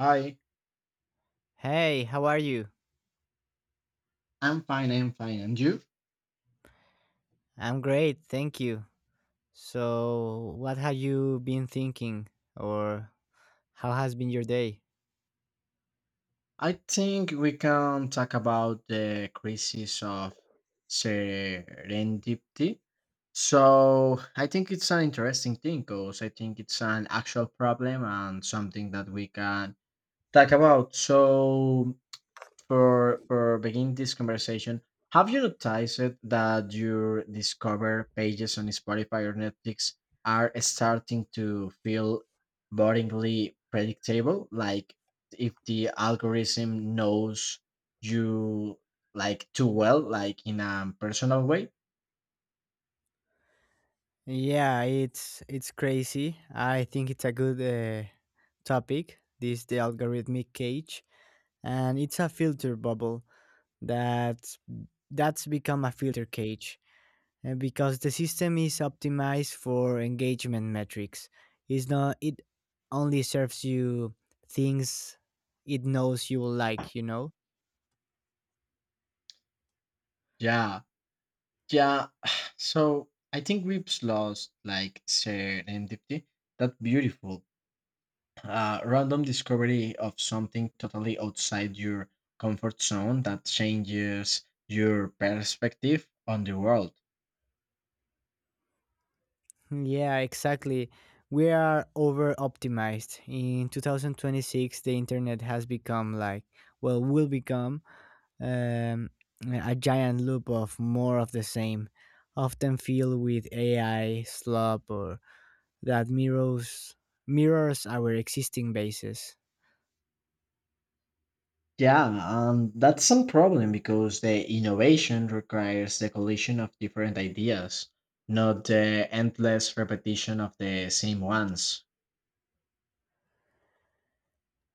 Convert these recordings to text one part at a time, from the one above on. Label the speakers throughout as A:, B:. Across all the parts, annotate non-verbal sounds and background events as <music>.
A: Hi,
B: Hey, how are you?
A: I'm fine. And you?
B: I'm great, thank you. So, what have you been thinking or how has been your day?
A: I think we can talk about the crisis of serendipity. So, I think it's an interesting thing because I think it's an actual problem and something that we can talk about. So, for beginning this conversation. Have you noticed that your discover pages on Spotify or Netflix are starting to feel boringly predictable? Like if the algorithm knows you like too well, like in a personal way.
B: Yeah, it's crazy. I think it's a good topic, this the algorithmic cage, and it's a filter bubble that that's become a filter cage. Because the system is optimized for engagement metrics. It's not it only serves you things it knows you will like, you know?
A: Yeah, yeah. <sighs> So I think we've lost like serendipity, that beautiful A random discovery of something totally outside your comfort zone that changes your perspective on the world.
B: <laughs> Yeah, exactly. We are over optimized. In 2026, the internet has become will become um, a giant loop of more of the same, often filled with AI, slop, or that mirrors our existing bases.
A: Yeah, that's some problem because the innovation requires the collision of different ideas, not the endless repetition of the same ones.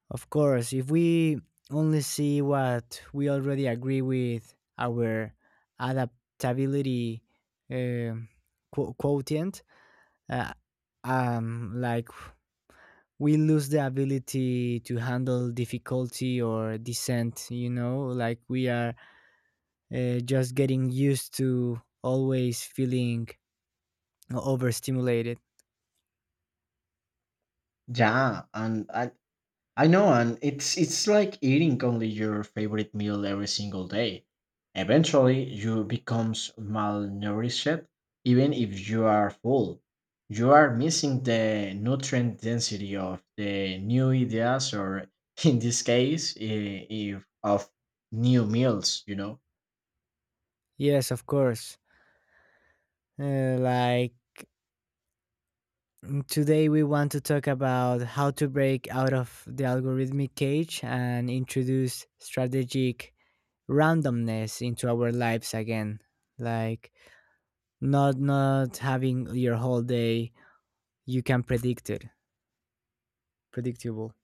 B: Of course, if we only see what we already agree with, our adaptability um quotient, uh, um, like we lose the ability to handle difficulty or dissent, you know, like we are just getting used to always feeling overstimulated.
A: Yeah, and I know, and it's like eating only your favorite meal every single day. Eventually, you becomes malnourished, even if you are full. You are missing the nutrient density of the new ideas, or <laughs> in this case, I- if of new meals. You know,
B: Yes, of course. Like today, we want to talk about how to break out of the algorithmic cage and introduce strategic randomness into our lives again. Like not having your whole day you can predict it predictable.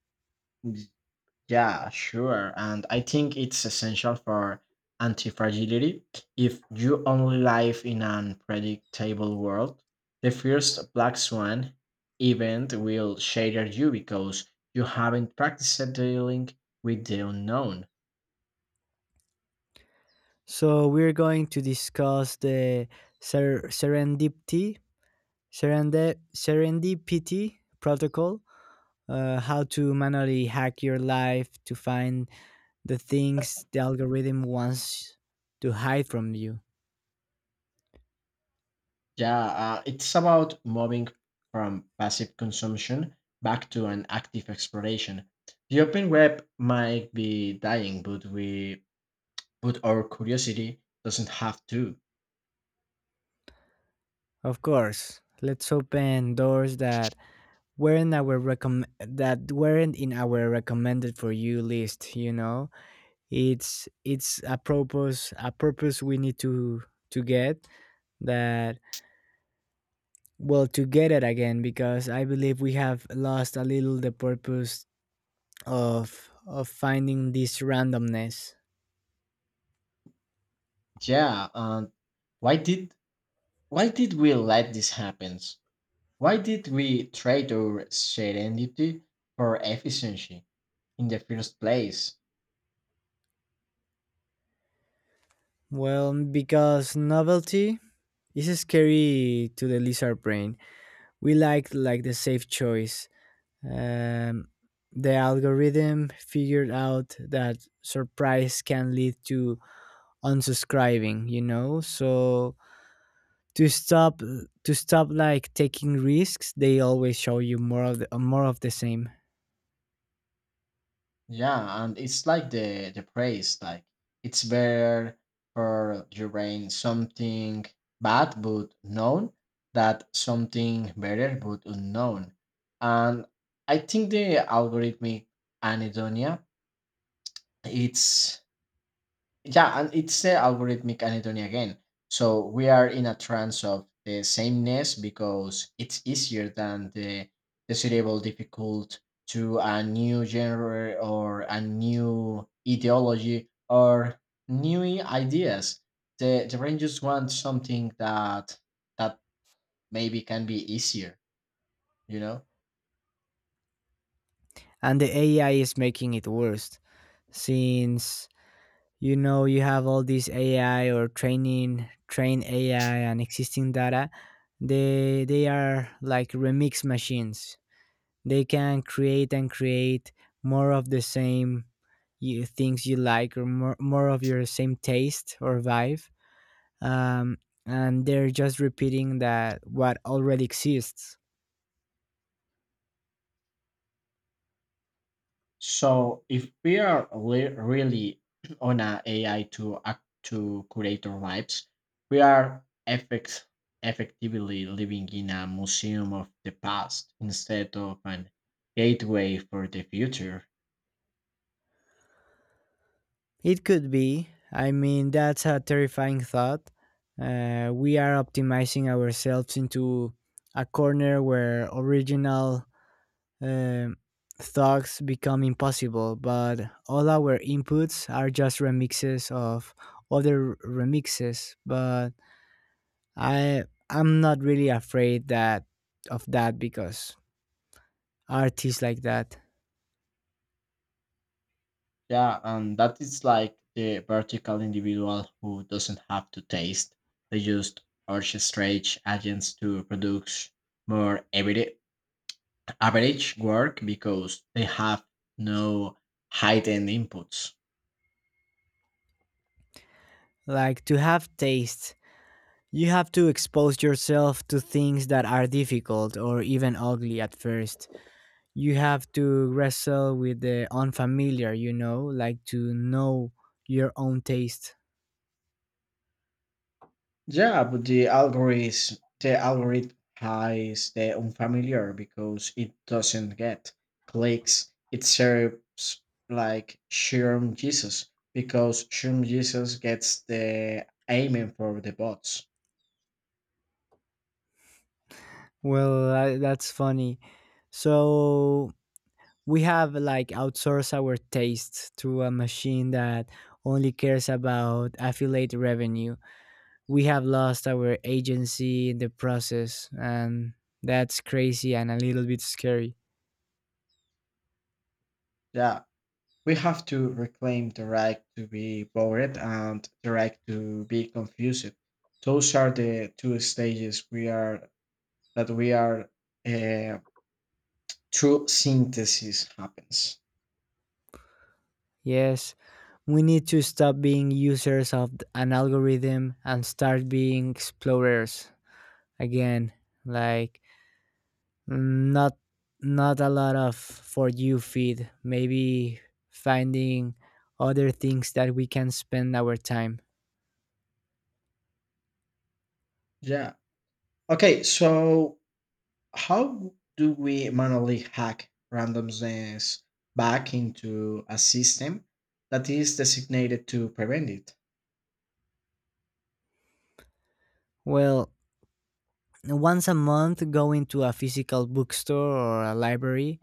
A: yeah, sure. And I think it's essential for anti fragility. If you only live in an unpredictable world, the first black swan event will shatter you because you haven't practiced dealing with the unknown.
B: So we're going to discuss the ser- serendipity serendipity protocol, how to manually hack your life to find the things the algorithm wants to hide from you.
A: Yeah, it's about moving from passive consumption back to an active exploration. The open web might be dying, but we but our curiosity doesn't have to.
B: Of course, let's open doors that weren't our recomm that weren't in our recommended for you list, you know? It's a purpose we need to get that. Well, to get it again, because I believe we have lost a little the purpose of finding this randomness.
A: Yeah, and why did why did we let this happen? Why did we trade our serenity for efficiency in the first place?
B: Well, because novelty, this is scary to the lizard brain. We like the safe choice. Um, the algorithm figured out that surprise can lead to unsubscribing. You know, so to stop to stop like taking risks, they always show you more of the same,
A: Yeah, and it's like the praise, like it's better for your brain something bad but known that something better but unknown. And I think the algorithmic anhedonia it's yeah, and it's the algorithmic anatomy again. So we are in a trance of the sameness because it's easier than the cerebral difficult to a new genre or a new ideology or new ideas. The brain just wants something that that maybe can be easier, you know?
B: and the AI is making it worse since, you know, you have all these AI or training train AI and existing data. They are like remix machines. They can create and create more of the same, you, things you like, or more, of your same taste or vibe, um, and they're just repeating that what already exists.
A: So if we are really <clears throat> on a AI to act to curator vibes, we are effectively living in a museum of the past instead of an gateway for the future.
B: It could be. I mean, that's a terrifying thought. We are optimizing ourselves into a corner where original um thoughts become impossible, but all our inputs are just remixes of other remixes. But I I'm not really afraid that of that, because artists like that
A: Yeah, and that is like the vertical individual who doesn't have to taste. They just orchestrate agents to produce more average work because they have no hidden inputs.
B: like to have taste. You have to expose yourself to things that are difficult or even ugly at first. You have to wrestle with the unfamiliar, you know, like to know your own taste.
A: Yeah, but the algorithm hides the unfamiliar because it doesn't get clicks. It serves like Shroom Jesus because Shroom Jesus gets the aiming for the bots.
B: Well, I, that's funny. So we have like outsourced our taste to a machine that only cares about affiliate revenue. We have lost our agency in the process, and that's crazy and a little bit scary.
A: Yeah, we have to reclaim the right to be bored and the right to be confused. Those are the two stages we are that we are uh, through synthesis happens.
B: Yes, we need to stop being users of an algorithm and start being explorers again. Like not a lot of for you feed. Maybe finding other things that we can spend our time.
A: Yeah. Okay, so how do we manually hack randomness back into a system that is designated to prevent it?
B: Well, once a month, go into a physical bookstore or a library,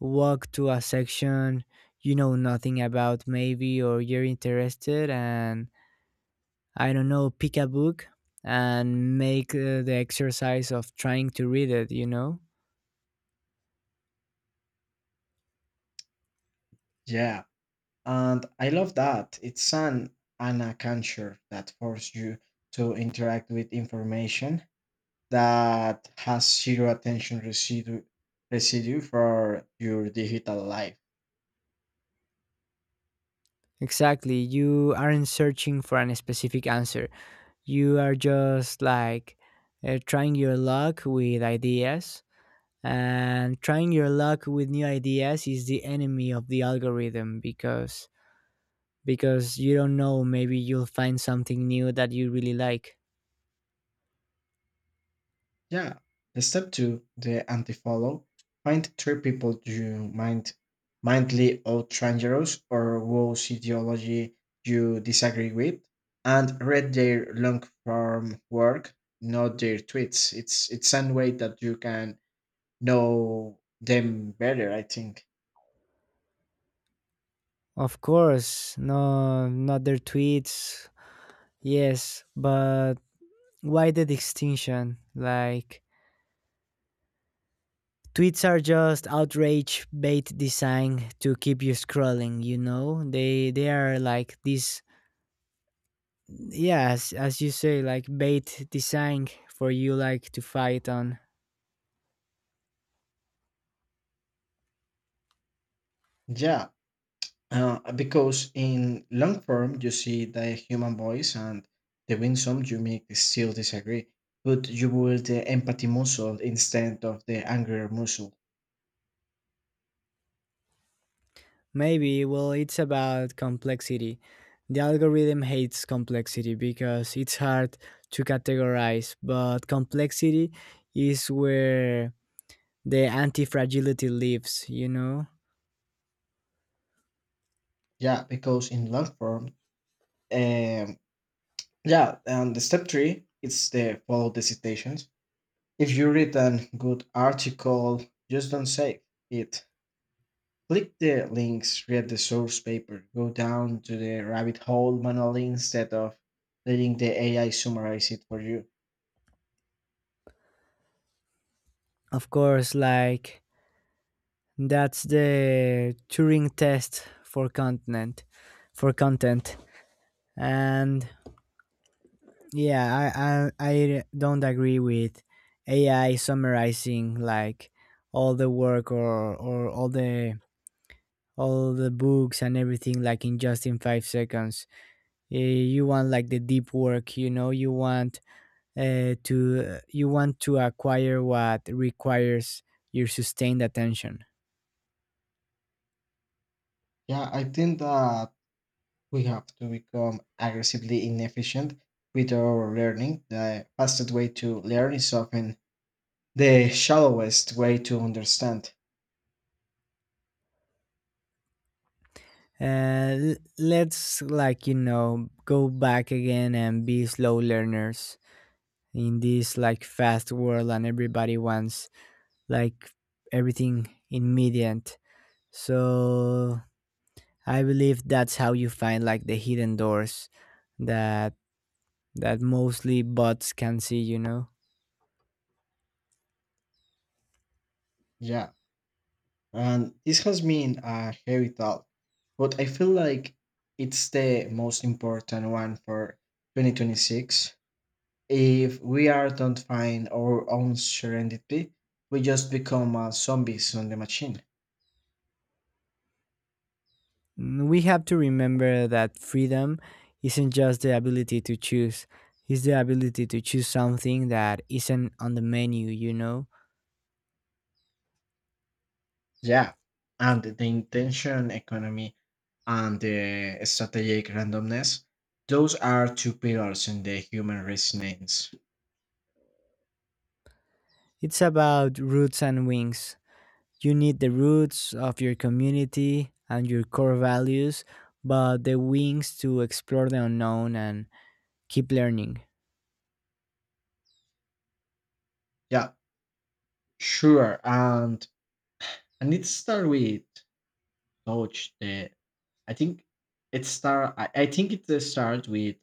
B: walk to a section you know nothing about, maybe, or you're interested, and I don't know, pick a book and make the exercise of trying to read it, you know?
A: Yeah, and I love that. It's an anaconture that forces you to interact with information that has zero attention residue for your digital life.
B: Exactly. You aren't searching for a specific answer. You are just like trying your luck with ideas. And trying your luck with new ideas is the enemy of the algorithm, because you don't know, maybe you'll find something new that you really like.
A: Yeah. Step two, the anti-follow. Find three people you mindly outrangerous or whose ideology you disagree with, and read their long form work, not their tweets. It's one way that you can know them better, I think.
B: Of course, no, not their tweets. Yes, but why the distinction? Like, tweets are just outrage bait design to keep you scrolling. You know, they are like this. Yes, as you say, like bait design for you like to fight on.
A: Yeah. Because in long form, you see the human voice and the winsome you make still disagree, but you build the empathy muscle instead of the anger muscle.
B: Maybe, well, it's about complexity. The algorithm hates complexity because it's hard to categorize, but complexity is where the anti fragility lives. You know,
A: Yeah, because in long form, um, yeah, and the step three, it's the follow the citations. If you read a good article, just don't save it. Click the links, read the source paper, go down to the rabbit hole manually instead of letting the AI summarize it for you.
B: of course, like, that's the Turing test for content, for content, and yeah, I don't agree with AI summarizing like all the work, or all the books and everything, like in just in 5 seconds. Eh, you want like the deep work, you know. You want to you want to acquire what requires your sustained attention.
A: Yeah, I think that we have to become aggressively inefficient with our learning. The fastest way to learn is often the shallowest way to understand.
B: uh, let's, like, you know, go back again and be slow learners in this like fast world, and everybody wants like everything immediate. So I believe that's how you find like the hidden doors that mostly bots can see, you know.
A: Yeah, and this has been a heavy talk, but I feel like it's the most important one for 2026. If we are don't find our own serenity, we just become zombies on the machine.
B: Mm, we have to remember that freedom isn't just the ability to choose, it's the ability to choose something that isn't on the menu, you know.
A: Yeah, and the intention economy and the strategic randomness. Those are two pillars in the human resonance.
B: It's about roots and wings. You need the roots of your community and your core values, but the wings to explore the unknown and keep learning.
A: Yeah, sure. And it start with touch. The I think it start. I think It starts with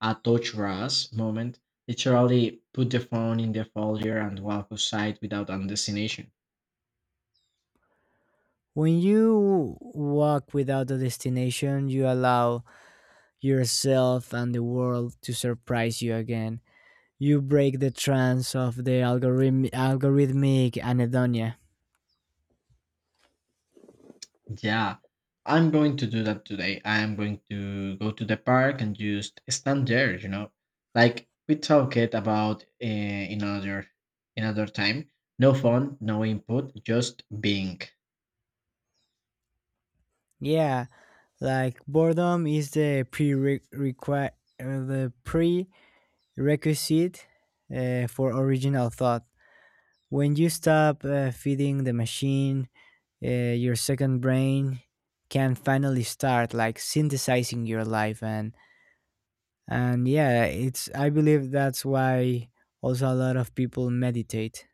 A: a touch grass moment. Literally, put the phone in the folder and walk outside without a destination.
B: When you walk without a destination, you allow yourself and the world to surprise you again. You break the trance of the algorithmic anhedonia.
A: Yeah, I'm going to do that today. I am going to go to the park and just stand there, you know. Like we talked about in other time. No phone, no input, just being.
B: Yeah, like boredom is the pre requisite for original thought. When you stop feeding the machine, your second brain can finally start like synthesizing your life, and yeah, it's, I believe that's why also a lot of people meditate.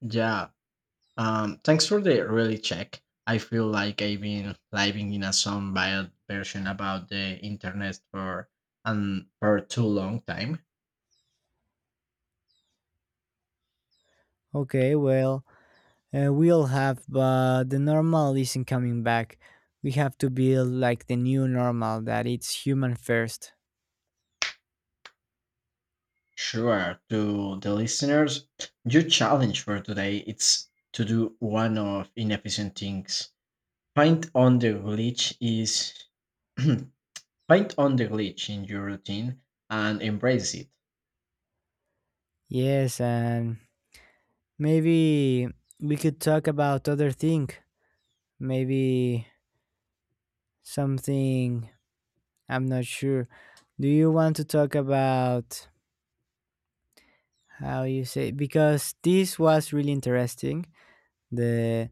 A: Yeah. Thanks for the really check. I feel like I've been living in a some bad version about the internet for too long time.
B: Okay, well, but the normal isn't coming back. We have to build like the new normal that it's human first.
A: Sure, to the listeners, your challenge for today it's to do one of inefficient things. Find on the glitch is <clears throat> Find on the glitch in your routine and embrace it.
B: Yes, and maybe we could talk about other thing. Maybe something, I'm not sure. Do you want to talk about how you say, because this was really interesting. The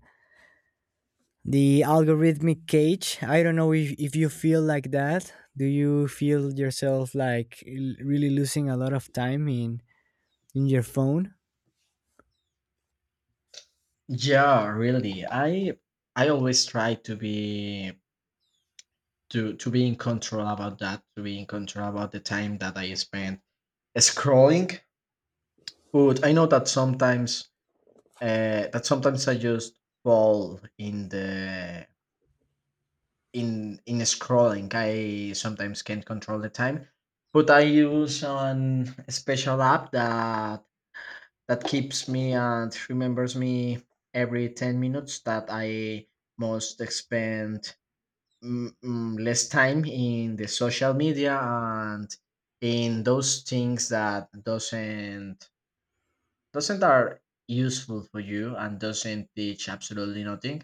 B: algorithmic cage, I don't know if you feel like that, do you feel yourself like really losing a lot of time in your phone?
A: Yeah, really. I always try to be to be in control about that, to be in control about the time that I spend scrolling. But I know that sometimes I just fall in the in scrolling. I sometimes can't control the time, but I use an a special app that keeps me and remembers me every 10 minutes that I must spend less time in the social media and in those things that doesn't are useful for you and doesn't teach absolutely nothing,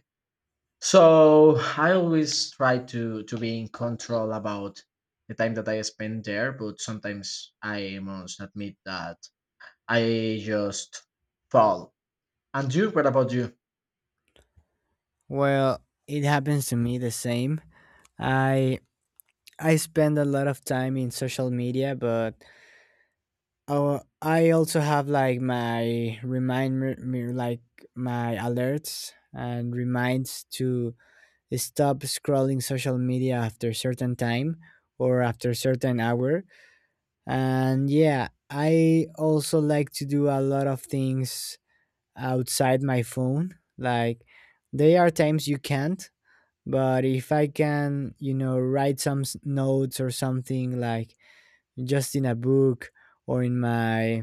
A: so I always try to be in control about the time that I spend there, but sometimes I must admit that I just fall. And you, what about you?
B: Well, it happens to me the same. I i spend a lot of time in social media, but I also have like my remind me, like my alerts and reminds to stop scrolling social media after certain time or after certain hour. And yeah, I also like to do a lot of things outside my phone. Like, there are times you can't, but if I can, you know, write some notes or something, like just in a book or in my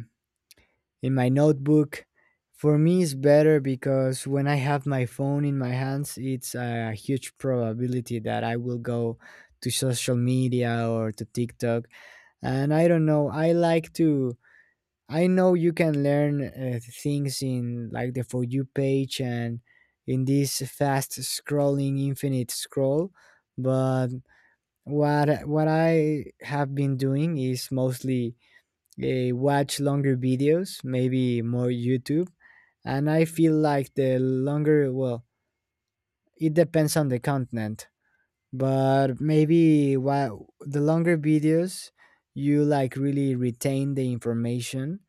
B: notebook, for me it's better, because when I have my phone in my hands, it's a huge probability that I will go to social media or to TikTok. And I don't know, I like to, I know you can learn things in like the For You page and in this fast scrolling infinite scroll, but what I have been doing is mostly watch longer videos, maybe more YouTube, and I feel like the longer, well, it depends on the continent, but maybe while the longer videos you like really retain the information,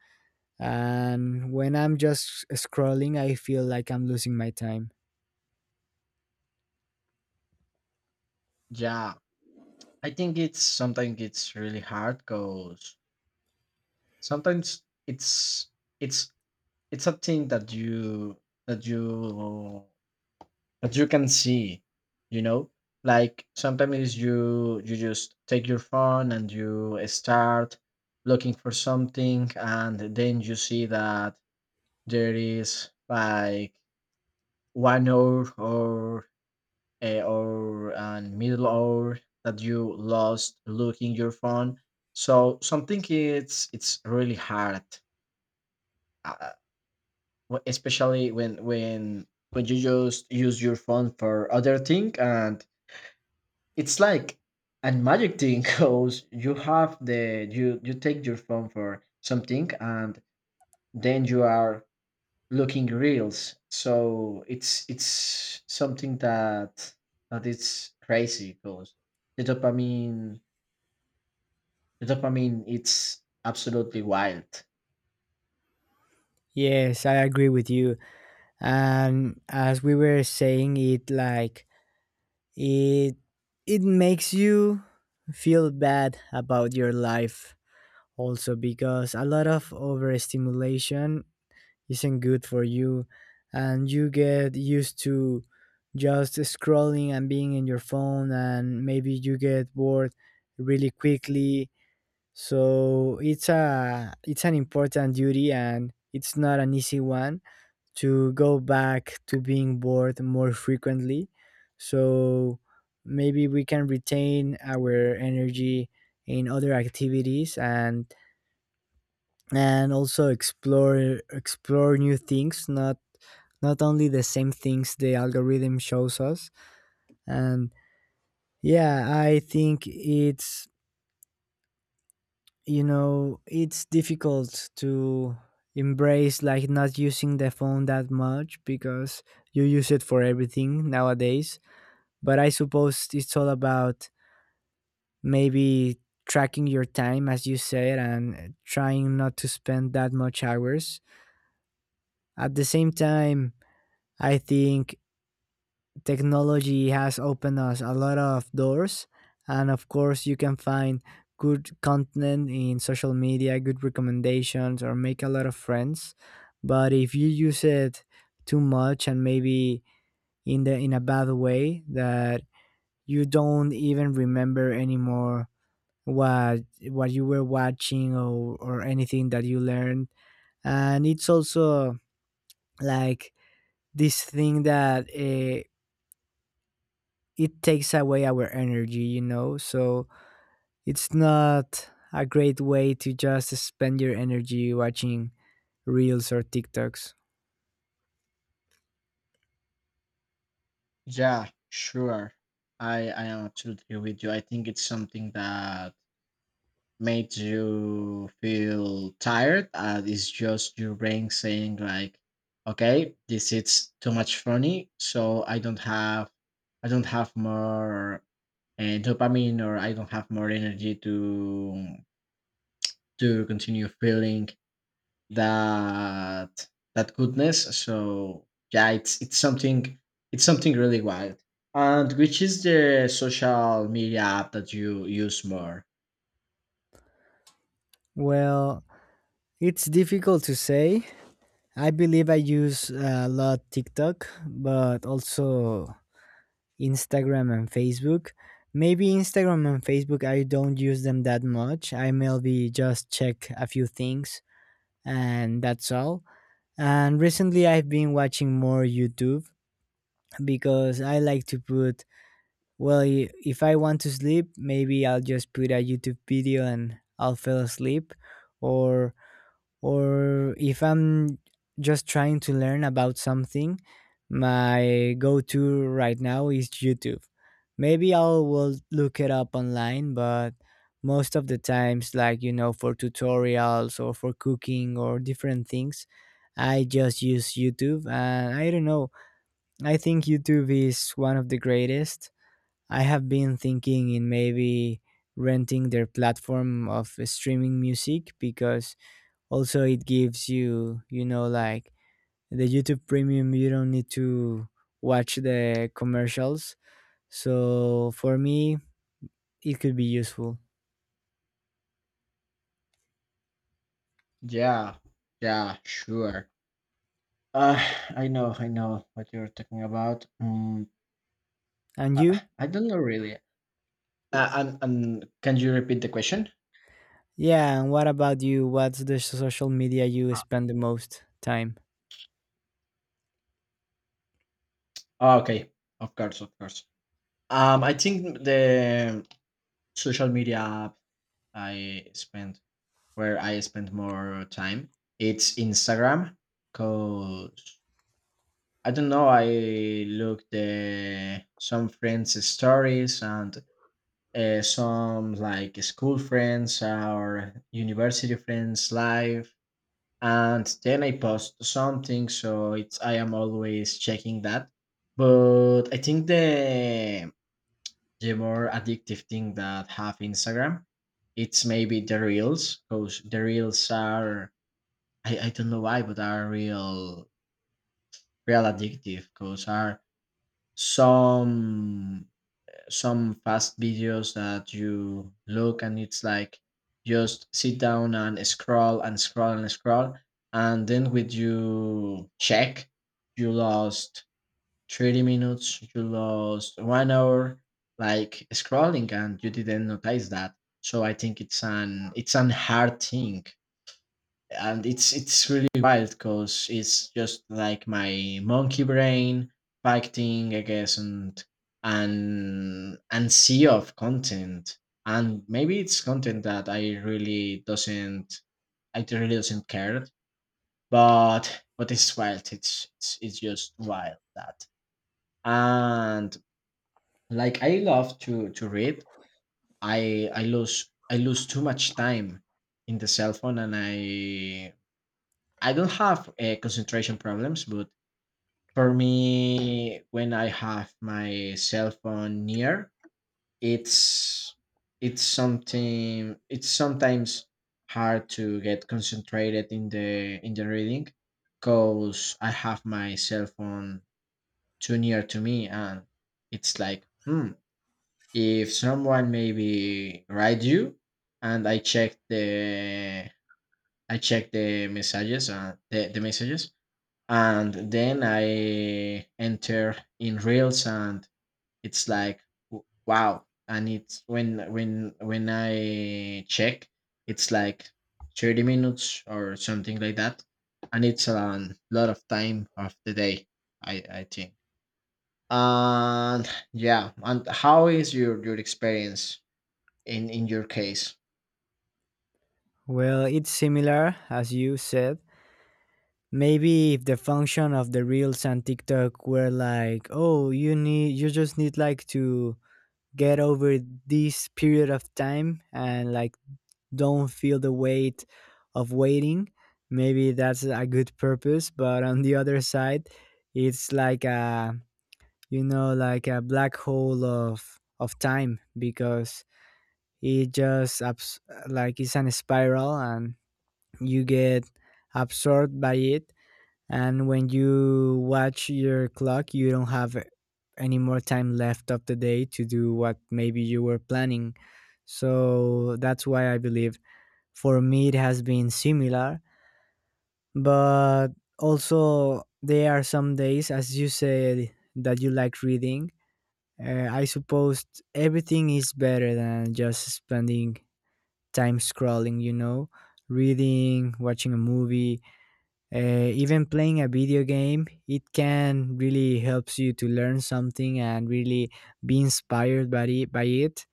B: and when I'm just scrolling, I feel like I'm losing my time.
A: Yeah, I think it's sometimes it's really hard because sometimes it's it's a thing that that you you can see, you know, like sometimes you just take your phone and you start looking for something and then you see that there is like one hour or a hour and middle hour that you lost looking your phone, so something it's really hard, uh, especially when you just use your phone for other thing and it's like a magic thing <laughs> because you have the you you take your phone for something and then you are looking reels, so it's something that it's crazy because the dopamine the dopamine it's absolutely wild.
B: Yes, I agree with you. And as we were saying, it like it it makes you feel bad about your life, also because a lot of overstimulation isn't good for you, and you get used to just scrolling and being in your phone, and maybe you get bored really quickly. So it's a, it's an important duty, and it's not an easy one, to go back to being bored more frequently. So maybe we can retain our energy in other activities, and also explore new things, not only the same things the algorithm shows us. And yeah, I think it's, you know, it's difficult to embrace like not using the phone that much, because you use it for everything nowadays. But I suppose it's all about maybe tracking your time, as you said, and trying not to spend that much hours at the same time. I think technology has opened us a lot of doors, and of course you can find good content in social media, good recommendations, or make a lot of friends. But if you use it too much, and maybe in the, in a bad way, that you don't even remember anymore what you were watching or anything that you learned. And it's also like this thing that it takes away our energy, you know? So it's not a great way to just spend your energy watching reels or TikToks.
A: Yeah, sure. I am absolutely with you. I think it's something that made you feel tired and it's just your brain saying like okay, this is too much funny, so I don't have more dopamine, or I don't have more energy to continue feeling that that goodness. So yeah, it's something really wild. And which is the social media app that you use more?
B: Well, it's difficult to say. I believe I use a lot TikTok, but also Instagram and Facebook. Maybe Instagram and Facebook, I don't use them that much. I maybe just check a few things, and that's all. And recently, I've been watching more YouTube, because I like to put, well, if I want to sleep, maybe I'll just put a YouTube video and I'll fall asleep. Or if I'm just trying to learn about something, my go to right now is YouTube. Maybe I will look it up online, but most of the times, like, you know, for tutorials or for cooking or different things, I just use YouTube. And I don't know, I think YouTube is one of the greatest. I have been thinking in maybe renting their platform of streaming music, because also it gives you, you know, like the youtube premium, you don't need to watch the commercials, so for me it could be useful.
A: Yeah, yeah, sure. Uh, I know what you're talking about. Mm,
B: And you?
A: I, I don't know really. And can you repeat the question?
B: Yeah, and what about you? What's the social media you
A: Ah,
B: spend the most time?
A: oh, okay, of course, of course. I think the social media app I spend where I spend more time it's Instagram. Cause I don't know. I look the some friends' stories and some like school friends or university friends live and then I post something. So it's I am always checking that. But I think the more addictive thing that have Instagram, it's maybe the reels, because the reels are I don't know why, but are real addictive, because are some some fast videos that you look and it's like just sit down and scroll and scroll and scroll and then with you check you lost 30 minutes, you lost one hour like scrolling and you didn't notice that. So I think it's an hard thing and it's really wild because it's just like my monkey brain fighting against and sea of content, and maybe it's content that I really doesn't care. But it's wild, it's just wild that. And like I love to read. I lose too much time in the cell phone, and I don't have concentration problems, but for me, when I have my cell phone near, it's it's something. It's sometimes hard to get concentrated in the reading, cause I have my cell phone too near to me, and it's like, hmm, if someone maybe write you, and I check the messages, the messages, and then I enter in Reels, and it's like w- wow. And it's when I check, it's like 30 minutes or something like that, and it's a lot of time of the day. I think. And yeah, and how is your experience in your case?
B: Well, it's similar as you said. Maybe if the function of the reels and tiktok were like, oh, you need, you just need like to get over this period of time, and like don't feel the weight of waiting. Maybe that's a good purpose, but on the other side, it's like a, you know, like a black hole of time, because it just it's an spiral and you get absorbed by it, and when you watch your clock you don't have any more time left of the day to do what maybe you were planning. So that's why I believe, for me, it has been similar, but also there are some days, as you said, that you like reading. I suppose everything is better than just spending time scrolling, you know, reading, watching a movie, even playing a video game. It can really helps you to learn something and really be inspired by it.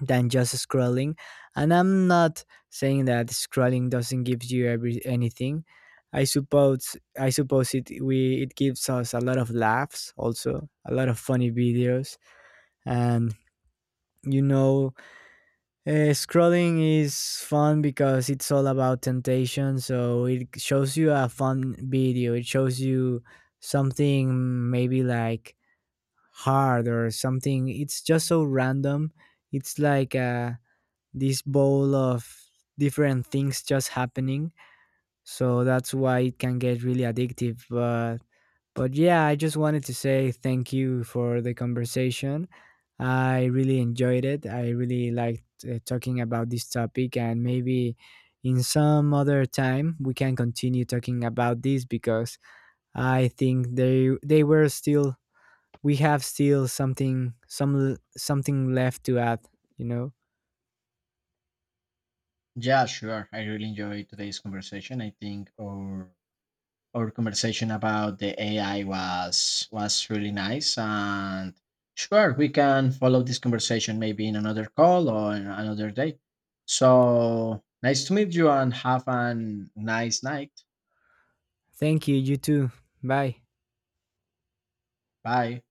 B: Than just scrolling. And I'm not saying that scrolling doesn't give you every anything. I suppose it gives us a lot of laughs, also a lot of funny videos, and you know, scrolling is fun because it's all about temptation. So it shows you a fun video. It shows you something maybe like hard or something. It's just so random. It's like a, this bowl of different things just happening. So that's why it can get really addictive. But yeah, I just wanted to say thank you for the conversation. I really enjoyed it. I really liked talking about this topic, and maybe in some other time we can continue talking about this, because I think they were still, we have still something, some something left to add. You know.
A: Yeah, sure. I really enjoyed today's conversation. I think our conversation about the AI was really nice, and sure we can follow this conversation maybe in another call or in another day. So nice to meet you and have a nice night.
B: Thank you. You too. Bye.
A: Bye.